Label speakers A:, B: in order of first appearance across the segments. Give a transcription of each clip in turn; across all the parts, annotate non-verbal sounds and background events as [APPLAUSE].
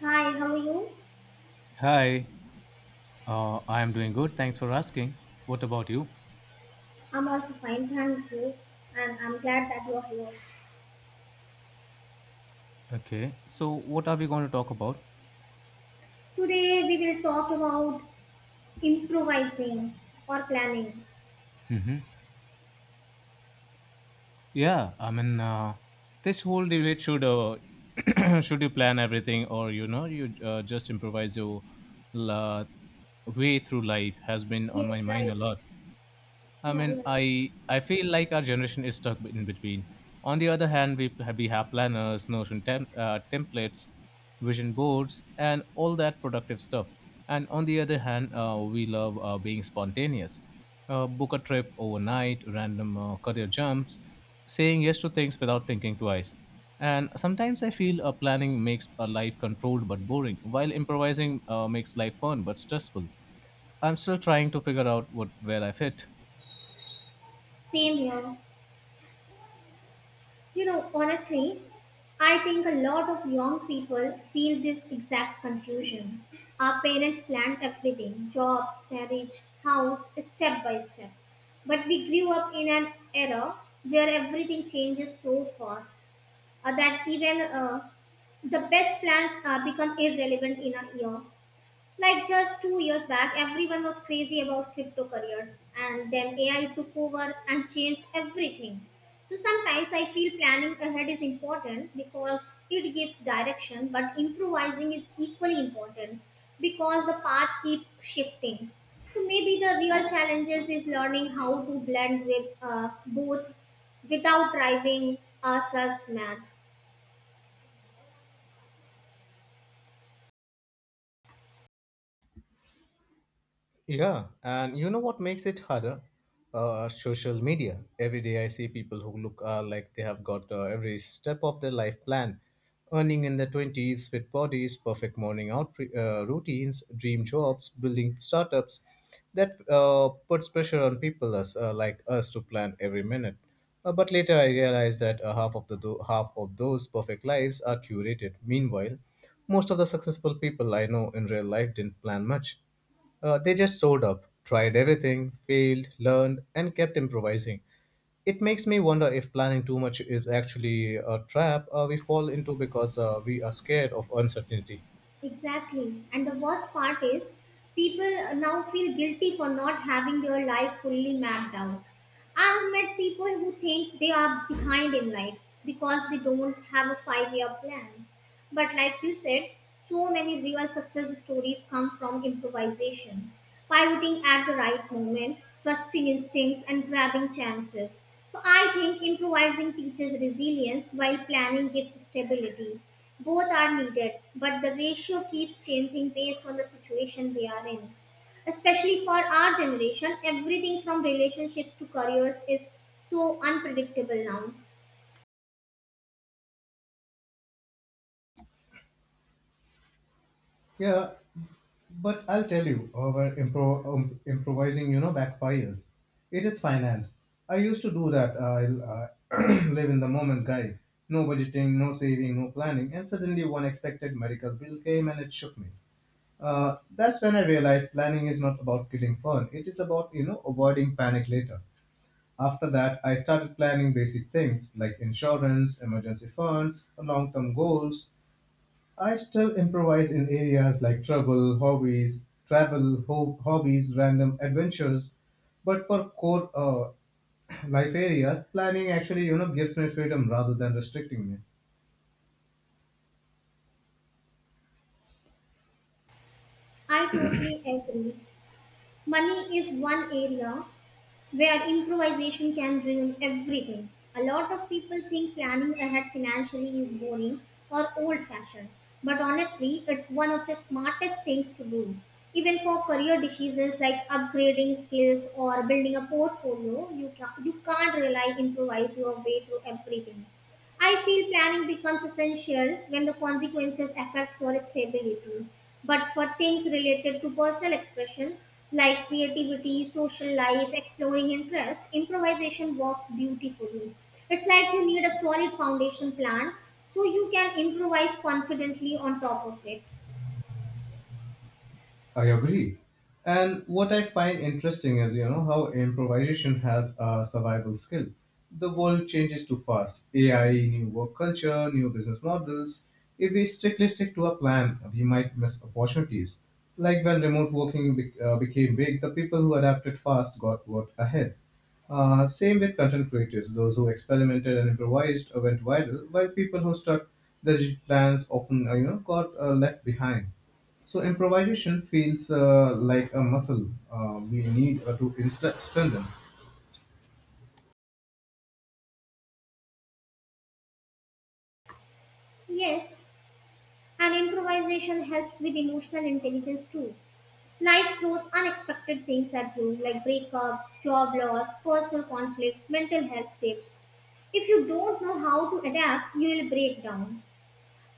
A: Hi, how are you?
B: Hi, I am doing good. Thanks for asking. What about you?
A: I'm also fine, thank you. And I'm glad that you're here.
B: Okay, so what are we going to talk about?
A: Today we will talk about improvising or planning.
B: Hmm. Yeah, I mean, this whole debate should [CLEARS THROAT] should you plan everything, or you know you just improvise your la- way through life has been on my
A: Yes,
B: mind
A: right.
B: a lot. I
A: Yeah, you're
B: mean,
A: right.
B: I feel like our generation is stuck in between. On the other hand, we have planners, Notion templates, vision boards, and all that productive stuff. And on the other hand, we love being spontaneous. Book a trip overnight, random career jumps, saying yes to things without thinking twice. And sometimes I feel planning makes a life controlled but boring, while improvising makes life fun but stressful. I'm still trying to figure out what where I fit.
A: Same here. You know, honestly, I think a lot of young people feel this exact confusion. Our parents planned everything jobs, marriage, house, step by step. But we grew up in an era where everything changes so fast, that even the best plans become irrelevant in a year. Like just 2 years back, everyone was crazy about crypto careers, and then AI took over and changed everything. So sometimes I feel planning ahead is important because it gives direction, but improvising is equally important because the path keeps shifting. So maybe the real challenges is learning how to blend with both without driving ourselves mad.
B: Yeah, and you know what makes it harder? Social media. Every day I see people who look like they have got every step of their life planned, earning in their 20s, fit bodies, perfect morning out routines, dream jobs, building startups. That puts pressure on people like us to plan every minute. But later I realized that half of the half of those perfect lives are curated. Meanwhile, most of the successful people I know in real life didn't plan much. They just showed up, tried everything, failed, learned, and kept improvising. It makes me wonder if planning too much is actually a trap we fall into because we are scared of uncertainty.
A: Exactly. And the worst part is, people now feel guilty for not having their life fully mapped out. I've met people who think they are behind in life because they don't have a 5 year plan. But like you said, so many real success stories come from improvisation, pivoting at the right moment, trusting instincts, and grabbing chances. So I think improvising teaches resilience while planning gives stability. Both are needed, but the ratio keeps changing based on the situation we are in. Especially for our generation, everything from relationships to careers is so unpredictable now.
B: Yeah, but I'll tell you, our improvising, you know, backfires. It is finance. I used to do that. I'll [CLEARS THROAT] live in the moment guy. No budgeting, no saving, no planning, and suddenly one expected medical bill came and it shook me. That's when I realized planning is not about killing fun. It is about, you know, avoiding panic later. After that, I started planning basic things like insurance, emergency funds, long term goals. I still improvise in areas like trouble, hobbies, travel, hobbies, random adventures. But for core [CLEARS THROAT] life areas, planning actually, you know, gives me freedom rather than restricting me.
A: I totally agree. Money is one area where improvisation can ruin everything. A lot of people think planning ahead financially is boring or old fashioned, but honestly, it's one of the smartest things to do. Even for career decisions like upgrading skills or building a portfolio, you can't rely improvise your way through everything. I feel planning becomes essential when the consequences affect for stability. But for things related to personal expression, like creativity, social life, exploring interest, improvisation works beautifully. It's like you need a solid foundation plan so you can improvise confidently on top of it.
B: I agree. And what I find interesting is, you know, how improvisation has a survival skill. The world changes too fast. AI, new work culture, new business models. If we strictly stick to a plan, we might miss opportunities. Like when remote working became big, the people who adapted fast got what ahead. Same with content creators. Those who experimented and improvised went viral, while people who stuck rigid plans often, you know, got left behind. So improvisation feels like a muscle we need to strengthen.
A: Yes, and improvisation helps with emotional intelligence too. Life throws unexpected things at you, like breakups, job loss, personal conflicts, mental health tips. If you don't know how to adapt, you will break down.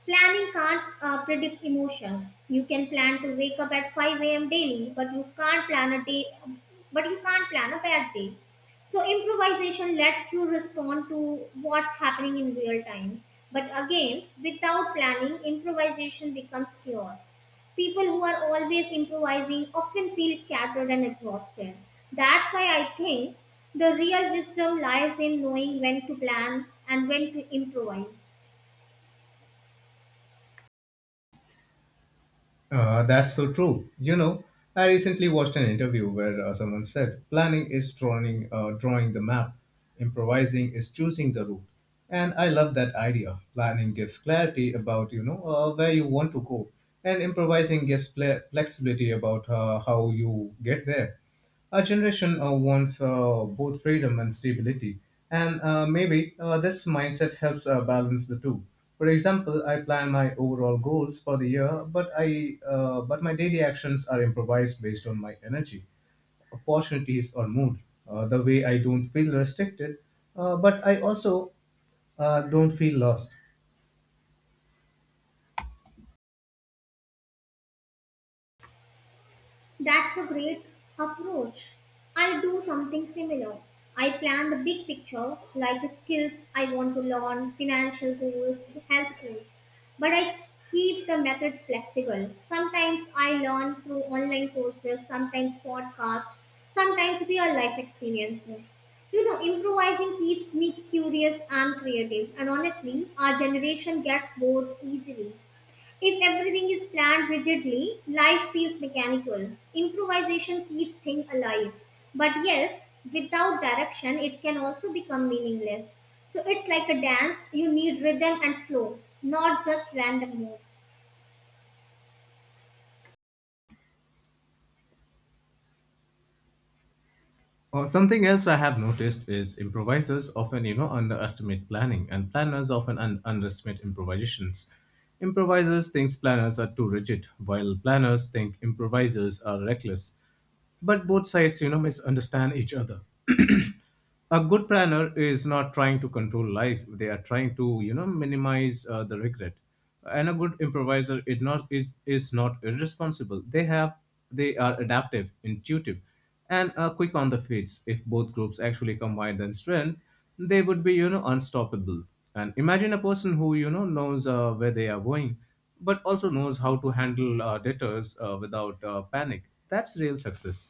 A: Planning can't predict emotions. You can plan to wake up at 5 a.m. daily, but you can't plan a bad day. So improvisation lets you respond to what's happening in real time. But again, without planning, improvisation becomes chaos. People who are always improvising often feel scattered and exhausted. That's why I think the real wisdom lies in knowing when to plan and when to improvise.
B: That's so true. You know, I recently watched an interview where someone said planning is drawing the map, improvising is choosing the route. And I love that idea. Planning gives clarity about you know where you want to go, and improvising gives flexibility about how you get there. Our generation wants both freedom and stability, and maybe this mindset helps balance the two. For example, I plan my overall goals for the year, but I but my daily actions are improvised based on my energy, opportunities, or mood. The way I don't feel restricted, but I also don't feel lost.
A: That's a great approach. I do something similar. I plan the big picture, like the skills I want to learn, financial goals, health goals. But I keep the methods flexible. Sometimes I learn through online courses, sometimes podcasts, sometimes real life experiences. You know, improvising keeps me curious and creative, and honestly, our generation gets bored easily. If everything is planned rigidly, life feels mechanical. Improvisation keeps things alive. But yes, without direction, it can also become meaningless. So it's like a dance, you need rhythm and flow, not just random moves.
B: Well, something else I have noticed is improvisers often, you know, underestimate planning, and planners often underestimate improvisations. Improvisers think planners are too rigid, while planners think improvisers are reckless. But both sides, you know, misunderstand each other. A good planner is not trying to control life, they are trying to you know minimize the regret, and a good improviser is not is, is not irresponsible, they are adaptive, intuitive, and quick on the feet. If both groups actually combine their strength, they would be you know unstoppable. And imagine a person who you know knows where they are going, but also knows how to handle debtors without panic. That's real success.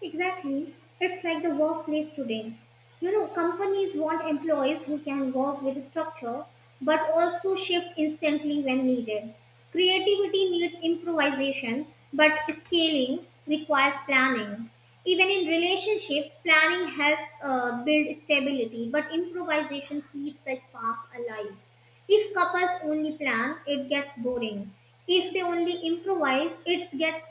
A: Exactly. It's like the workplace today. You know, companies want employees who can work with structure but also shift instantly when needed. Creativity needs improvisation, but scaling requires planning. Even in relationships, planning helps build stability, but improvisation keeps the spark alive. If couples only plan, it gets boring. If they only improvise, it gets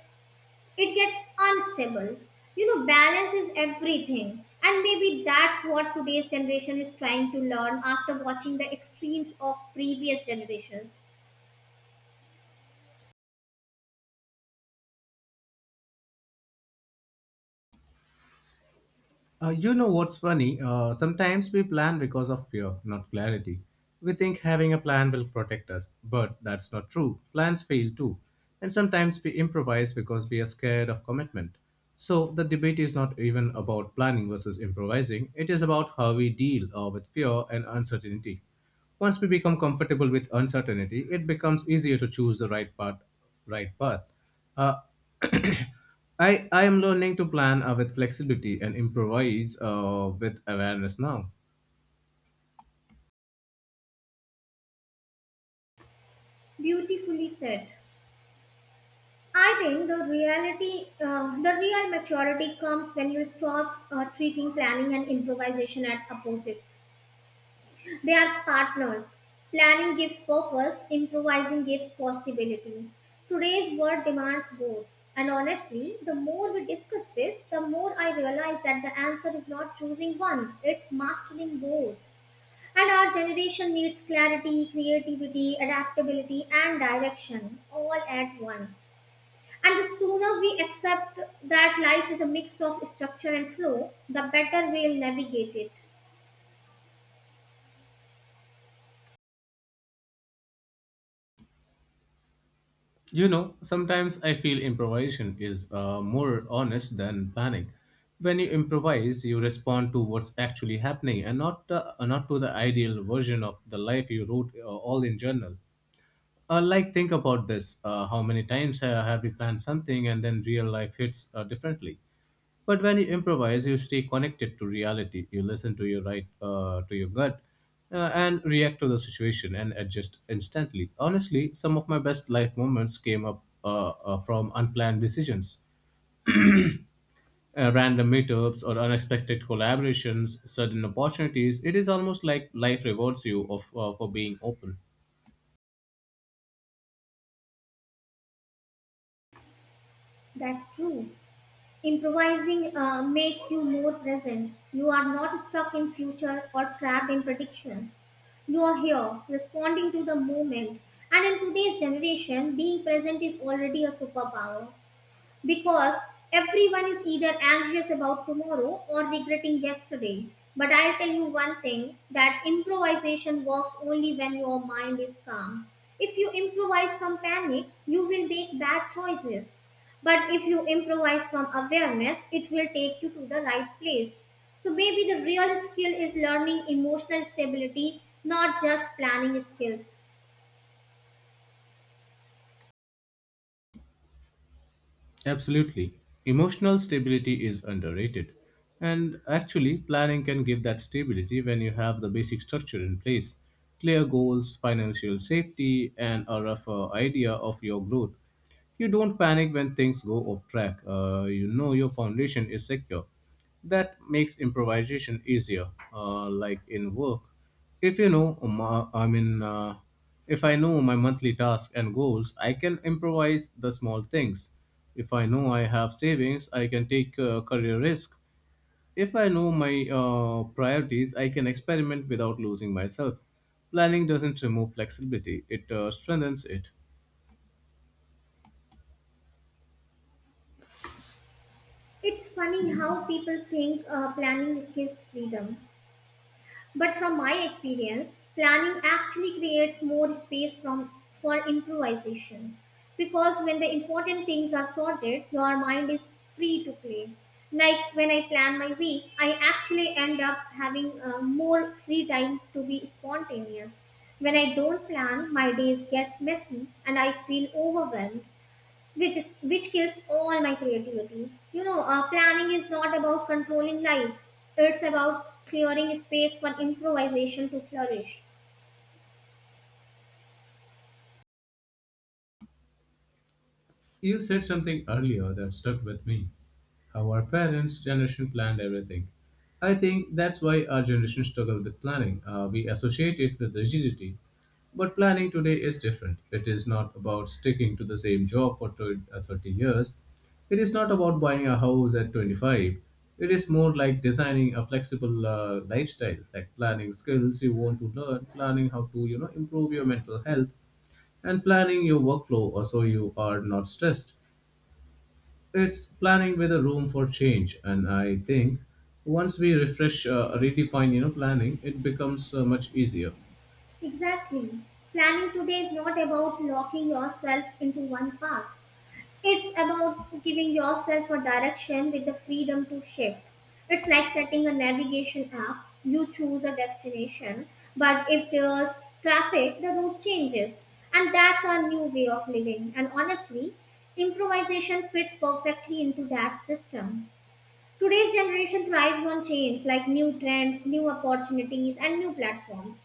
A: it gets unstable. You know, balance is everything. And maybe that's what today's generation is trying to learn after watching the extremes of previous generations.
B: You know what's funny? Sometimes we plan because of fear, not clarity. We think having a plan will protect us, but that's not true. Plans fail too. And sometimes we improvise because we are scared of commitment. So the debate is not even about planning versus improvising, it is about how we deal with fear and uncertainty. Once we become comfortable with uncertainty, it becomes easier to choose the right path. Right path. Uh, I am learning to plan with flexibility and improvise with awareness now.
A: Beautifully said. I think the real maturity comes when you stop treating planning and improvisation as opposites. They are partners. Planning gives purpose, improvising gives possibility. Today's world demands both. And honestly, the more we discuss this, the more I realize that the answer is not choosing one, it's mastering both. And our generation needs clarity, creativity, adaptability, and direction all at once. And the sooner we accept that life is a mix of structure and flow, the better we'll navigate it.
B: You know, sometimes I feel improvisation is more honest than planning. When you improvise, you respond to what's actually happening and not not to the ideal version of the life you wrote all in journal. Like think about this: how many times have you planned something and then real life hits differently? But when you improvise, you stay connected to reality. You listen to to your gut, and react to the situation and adjust instantly. Honestly, some of my best life moments came up from unplanned decisions, random meetups, or unexpected collaborations, sudden opportunities. It is almost like life rewards you of for being open.
A: That's true. Improvising makes you more present. You are not stuck in future or trapped in predictions. You are here, responding to the moment. And in today's generation, being present is already a superpower because everyone is either anxious about tomorrow or regretting yesterday. But I'll tell you one thing that improvisation works only when your mind is calm. If you improvise from panic, you will make bad choices. But if you improvise from awareness, it will take you to the right place. So maybe the real skill is learning emotional stability, not just planning skills.
B: Absolutely. Emotional stability is underrated. And actually, planning can give that stability when you have the basic structure in place: clear goals, financial safety, and a rough idea of your growth. You don't panic when things go off track. You know your foundation is secure. That makes improvisation easier, like in work. If you know, I mean, if I know my monthly tasks and goals, I can improvise the small things. If I know I have savings, I can take career risk. If I know my priorities, I can experiment without losing myself. Planning doesn't remove flexibility; it strengthens it.
A: It's funny how people think planning gives freedom, but from my experience, planning actually creates more space from for improvisation because when the important things are sorted, your mind is free to play. Like when I plan my week, I actually end up having more free time to be spontaneous. When I don't plan, my days get messy and I feel overwhelmed, which kills all my creativity. Planning is not about controlling life; it's about clearing space for improvisation to flourish.
B: You said something earlier that stuck with me. How our parents' generation planned everything. I think that's why our generation struggled with planning. We associate it with rigidity. But planning today is different. It is not about sticking to the same job for 20 30 years. It is not about buying a house at 25. It is more like designing a flexible lifestyle, like planning skills you want to learn, planning how to, you know, improve your mental health, and planning your workflow so you are not stressed. It's planning with a room for change, and I think once we redefine, you know, planning, it becomes much easier.
A: Exactly. Planning today is not about locking yourself into one path. It's about giving yourself a direction with the freedom to shift. It's like setting a navigation app. You choose a destination, but if there's traffic, the route changes. And that's our new way of living. And honestly, improvisation fits perfectly into that system. Today's generation thrives on change like new trends, new opportunities, and new platforms.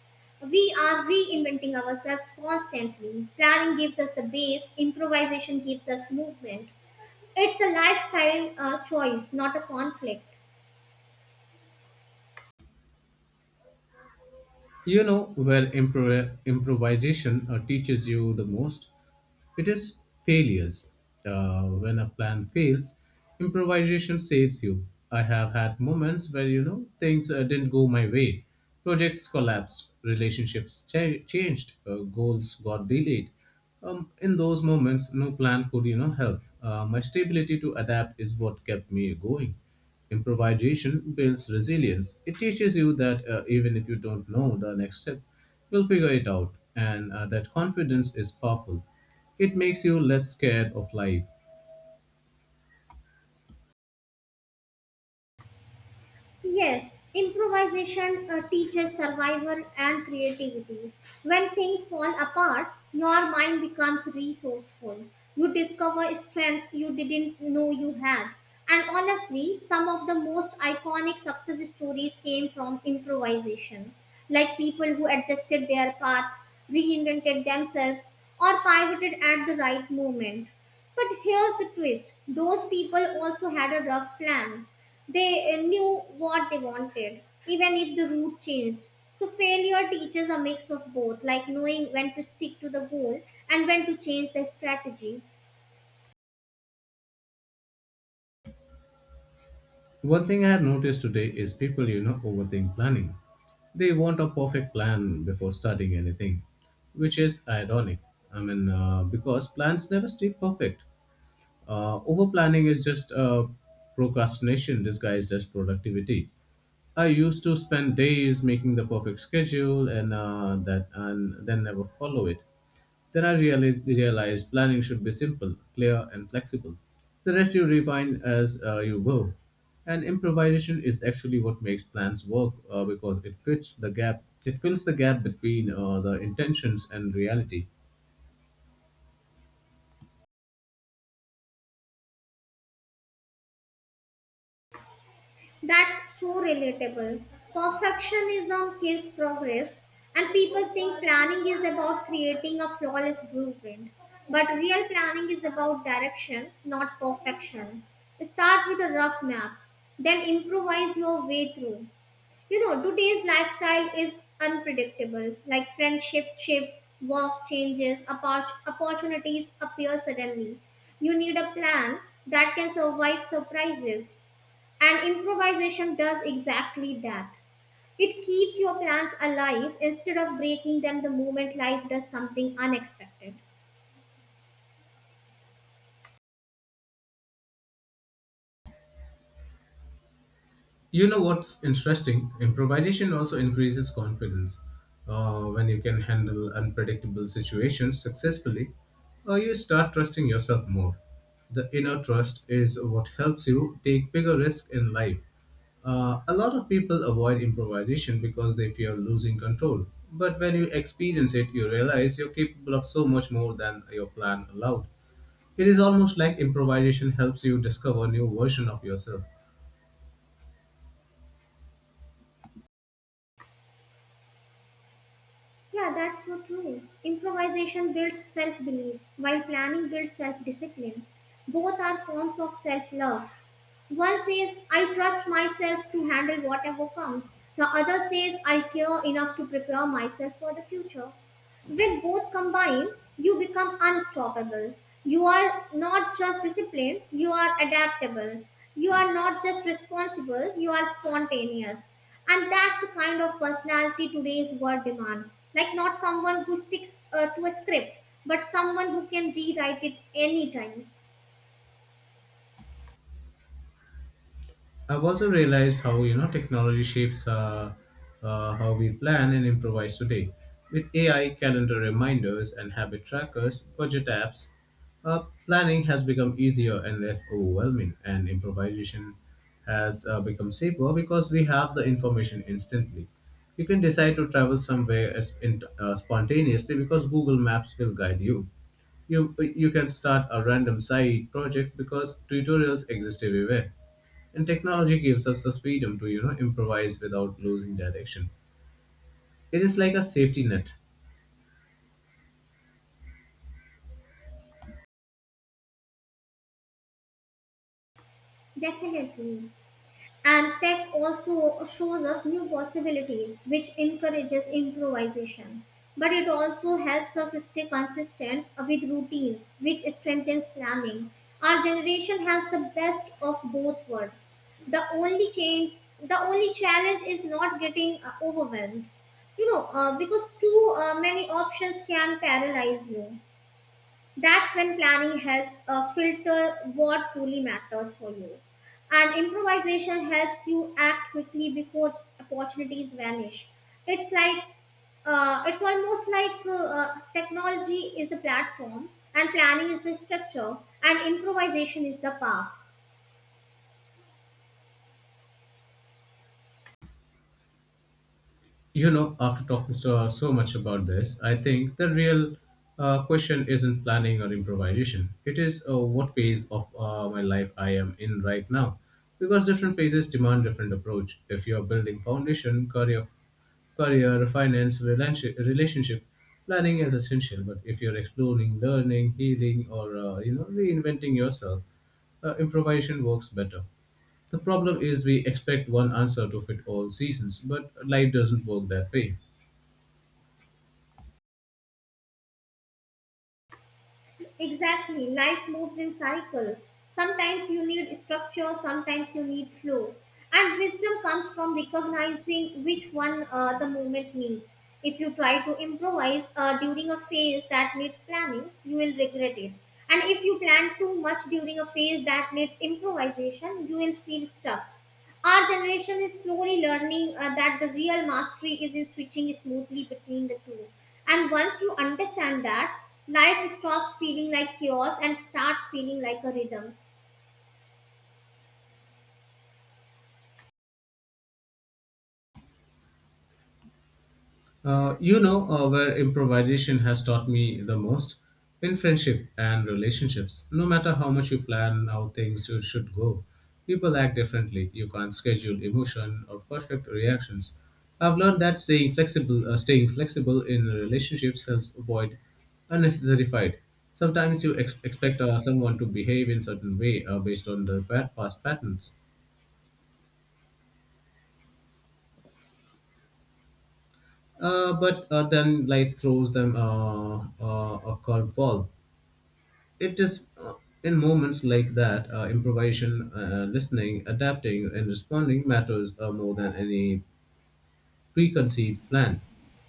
A: We are reinventing ourselves constantly. Planning gives us the base, improvisation gives us movement. It's a lifestyle choice, not a conflict.
B: You know where improvisation teaches you the most? It is failures. When a plan fails, improvisation saves you. I have had moments where, you know, things didn't go my way. Projects collapsed, relationships changed, goals got delayed. In those moments, no plan could, you know, help. My stability to adapt is what kept me going. Improvisation builds resilience. It teaches you that even if you don't know the next step, you'll figure it out, and that confidence is powerful. It makes you less scared of life.
A: Yes, improvisation teaches survival and creativity. When things fall apart, your mind becomes resourceful. You discover strengths you didn't know you had. And honestly, some of the most iconic success stories came from improvisation, like people who adjusted their path, reinvented themselves, or pivoted at the right moment. But here's the twist those people also had a rough plan. They knew what they wanted, even if the route changed. So, failure teaches a mix of both, like knowing when to stick to the goal and when to change the strategy.
B: One thing I have noticed today is people, you know, overthink planning. They want a perfect plan before starting anything, which is ironic. I mean, because plans never stay perfect. Over planning is just procrastination disguised as productivity. I used to spend days making the perfect schedule and and then never follow it. Then I really realized planning should be simple, clear, and flexible. The rest you refine as you go. And improvisation is actually what makes plans work because it fits the gap. It fills the gap between the intentions and reality.
A: That's so relatable. Perfectionism kills progress, and people think planning is about creating a flawless blueprint. But real planning is about direction, not perfection. Start with a rough map, then improvise your way through. You know, today's lifestyle is unpredictable, like friendship shifts, work changes, opportunities appear suddenly. You need a plan that can survive surprises. And improvisation does exactly that. It keeps your plans alive instead of breaking them the moment life does something unexpected.
B: You know what's interesting? Improvisation also increases confidence. When you can handle unpredictable situations successfully, you start trusting yourself more. The inner trust is what helps you take bigger risks in life. A lot of people avoid improvisation because they fear losing control. But when you experience it, you realize you're capable of so much more than your plan allowed. It is almost like improvisation helps you discover new version of yourself.
A: Yeah, that's so true. Improvisation builds self belief, while planning builds self discipline. Both are forms of self love. One says, I trust myself to handle whatever comes. The other says, I care enough to prepare myself for the future. With both combined, you become unstoppable. You are not just disciplined, you are adaptable. You are not just responsible, you are spontaneous. And that's the kind of personality today's world demands. Like, not someone who sticks to a script, but someone who can rewrite it anytime.
B: I've also realized how you know technology shapes how we plan and improvise today. With AI, calendar reminders, and habit trackers, budget apps, planning has become easier and less overwhelming, and improvisation has become safer because we have the information instantly. You can decide to travel somewhere spontaneously because Google Maps will guide you. You can start a random side project because tutorials exist everywhere, and technology gives us the freedom to, improvise without losing direction. It is like a safety net.
A: Definitely. And tech also shows us new possibilities, which encourages improvisation. But it also helps us stay consistent with routines, which strengthens planning. Our generation has the best of both worlds. The only change, the only challenge is not getting overwhelmed. Because too many options can paralyze you. That's when planning helps filter what truly matters for you. And improvisation helps you act quickly before opportunities vanish. It's like, it's almost like technology is the platform and planning is the structure and improvisation is the path.
B: You know, after talking so much about this, I think the real question isn't planning or improvisation. It is what phase of my life I am in right now, because different phases demand different approach. If you are building foundation, career, finance, relationship, planning is essential. But if you're exploring, learning, healing, or you know, reinventing yourself, improvisation works better. The problem is we expect one answer to fit all seasons, but life doesn't work that way.
A: Exactly, life moves in cycles. Sometimes you need structure, sometimes you need flow. And wisdom comes from recognizing which one the moment needs. If you try to improvise during a phase that needs planning, you will regret it. And if you plan too much during a phase that needs improvisation, you will feel stuck. Our generation is slowly learning that the real mastery is in switching smoothly between the two. And once you understand that, life stops feeling like chaos and starts feeling like a rhythm.
B: You know, where improvisation has taught me the most? In friendship and relationships. No matter how much you plan how things you should go, people act differently. You can't schedule emotion or perfect reactions. I've learned that staying flexible in relationships helps avoid unnecessary fight. Sometimes you expect someone to behave in certain way based on their past patterns, but then life throws them a curveball. It is in moments like that, improvisation, listening, adapting, and responding matters more than any preconceived plan.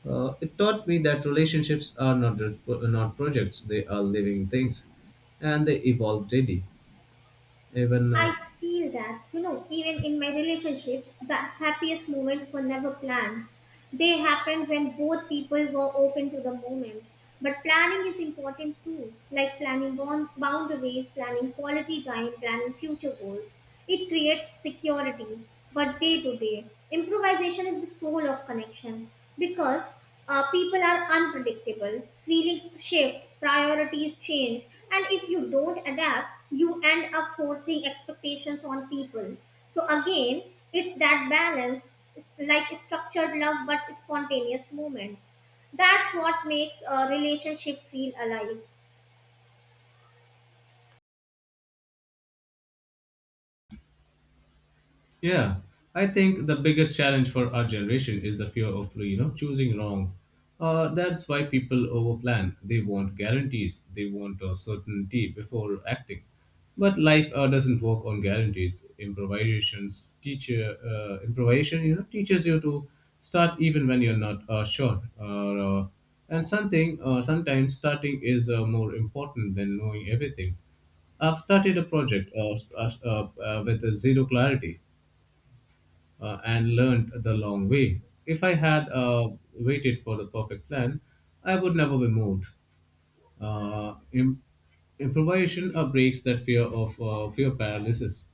B: It taught me that relationships are not projects; they are living things, and they evolve daily. Even
A: I feel that, you know, even in my relationships, the happiest moments were never planned. They happened when both people were open to the moment. But planning is important too, like planning boundaries, planning quality time, planning future goals. It creates security, but day to day, improvisation is the soul of connection because people are unpredictable, feelings shift, priorities change, and if you don't adapt, you end up forcing expectations on people. So, again, it's that balance it's like structured love but spontaneous movements. That's what makes a relationship feel alive.
B: Yeah, I think the biggest challenge for our generation is the fear of, choosing wrong. That's why people overplan. They want guarantees. They want a certainty before acting. But life doesn't work on guarantees. Improvisation teaches you to start even when you're not sure. And something sometimes starting is more important than knowing everything. I've started a project with zero clarity, and learned the long way. If I had waited for the perfect plan, I would never be moved. Uh, im- improvisation breaks that fear paralysis.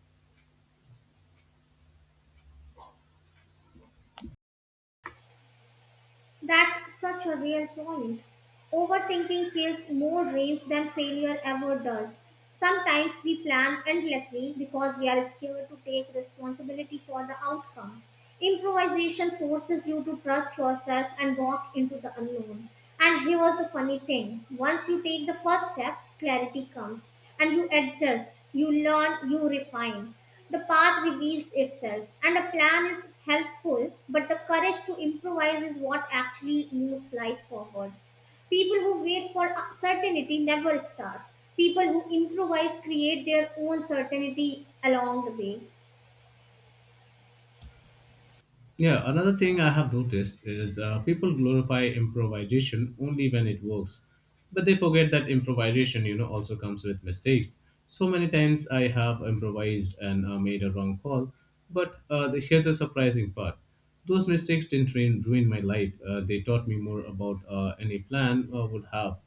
A: That's such a real point. Overthinking kills more dreams than failure ever does. Sometimes we plan endlessly because we are scared to take responsibility for the outcome. Improvisation forces you to trust yourself and walk into the unknown. And here's the funny thing once you take the first step, clarity comes and you adjust, you learn, you refine. The path reveals itself, and a plan is helpful, but the courage to improvise is what actually moves life forward. People who wait for certainty never start. People who improvise create their own certainty along the way.
B: Yeah, another thing I have noticed is, people glorify improvisation only when it works, but they forget that improvisation, also comes with mistakes. So many times I have improvised and made a wrong call, but here's a surprising part: those mistakes didn't ruin my life. They taught me more about any plan would have.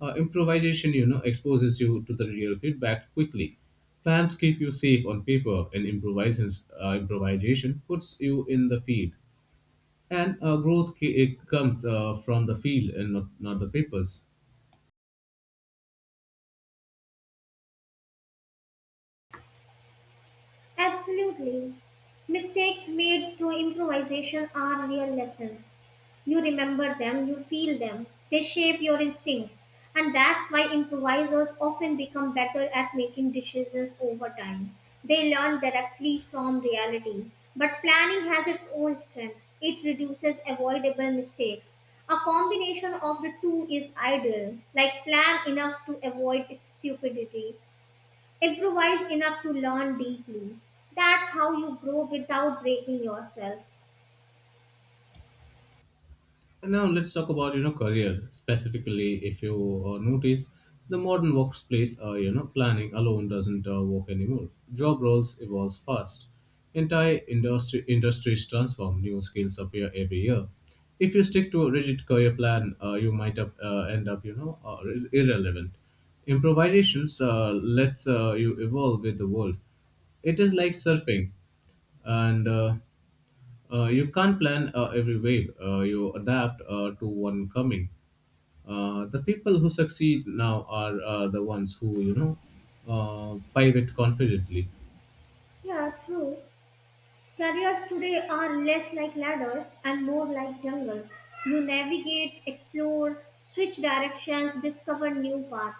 B: Improvisation, exposes you to the real feedback quickly. Plans keep you safe on paper, and improvisation puts you in the field. And growth it comes from the field and not the papers.
A: Absolutely. Mistakes made through improvisation are real lessons. You remember them, you feel them, they shape your instincts. And that's why improvisers often become better at making decisions over time. They learn directly from reality. But planning has its own strength, it reduces avoidable mistakes. A combination of the two is ideal, like plan enough to avoid stupidity improvise enough to learn deeply. That's how you grow without breaking yourself.
B: And now let's talk about, career specifically. If you notice, the modern workplace, planning alone doesn't work anymore. Job roles evolve fast. Entire industry industries transform. New skills appear every year. If you stick to a rigid career plan, you might end up, irrelevant. Improvisations lets you evolve with the world. It is like surfing, and you can't plan every wave, you adapt to one coming. The people who succeed now are the ones who, pivot confidently.
A: Yeah, true. Careers today are less like ladders and more like jungles. You navigate, explore, switch directions, discover new paths.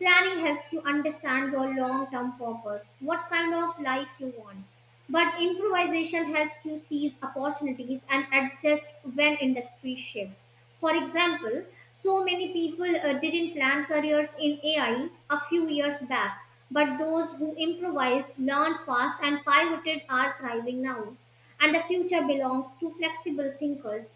A: Planning helps you understand your long term purpose, what kind of life you want. But improvisation helps you seize opportunities and adjust when industry shifts. For example, so many people didn't plan careers in AI a few years back, but those who improvised, learned fast, and pivoted are thriving now. And the future belongs to flexible thinkers.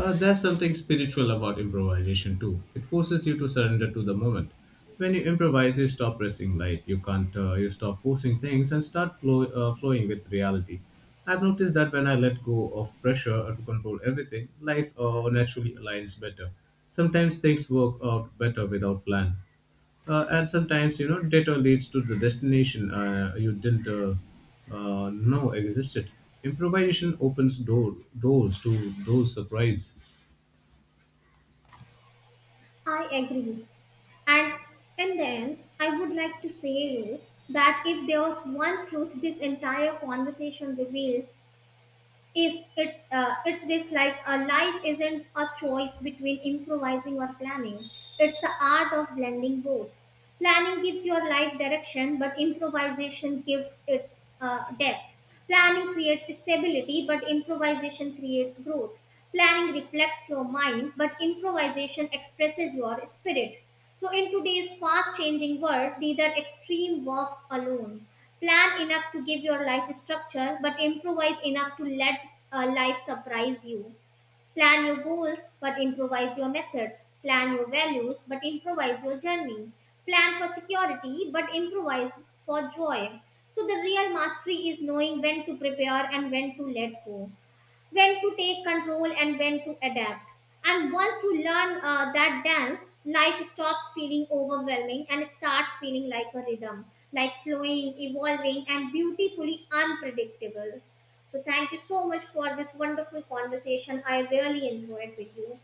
B: There's something spiritual about improvisation too. It forces you to surrender to the moment. When you improvise, you stop resting light. You can't. You stop forcing things and start flowing with reality. I've noticed that when I let go of pressure to control everything, life naturally aligns better. Sometimes things work out better without plan, and sometimes, data leads to the destination you didn't know existed. Improvisation opens doors to those surprise.
A: I agree. And in the end, I would like to say you that if there was one truth this entire conversation reveals, is it's this like a life isn't a choice between improvising or planning. It's the art of blending both. Planning gives your life direction, but improvisation gives its depth. Planning creates stability, but improvisation creates growth. Planning reflects your mind, but improvisation expresses your spirit. So, in today's fast changing world, neither extreme works alone. Plan enough to give your life structure, but improvise enough to let life surprise you. Plan your goals, but improvise your methods. Plan your values, but improvise your journey. Plan for security, but improvise for joy. So, the real mastery is knowing when to prepare and when to let go when to take control and when to adapt. And once you learn that dance, life stops feeling overwhelming and starts feeling like a rhythm, like flowing, evolving, and beautifully unpredictable. So, thank you so much for this wonderful conversation. I really enjoyed with you.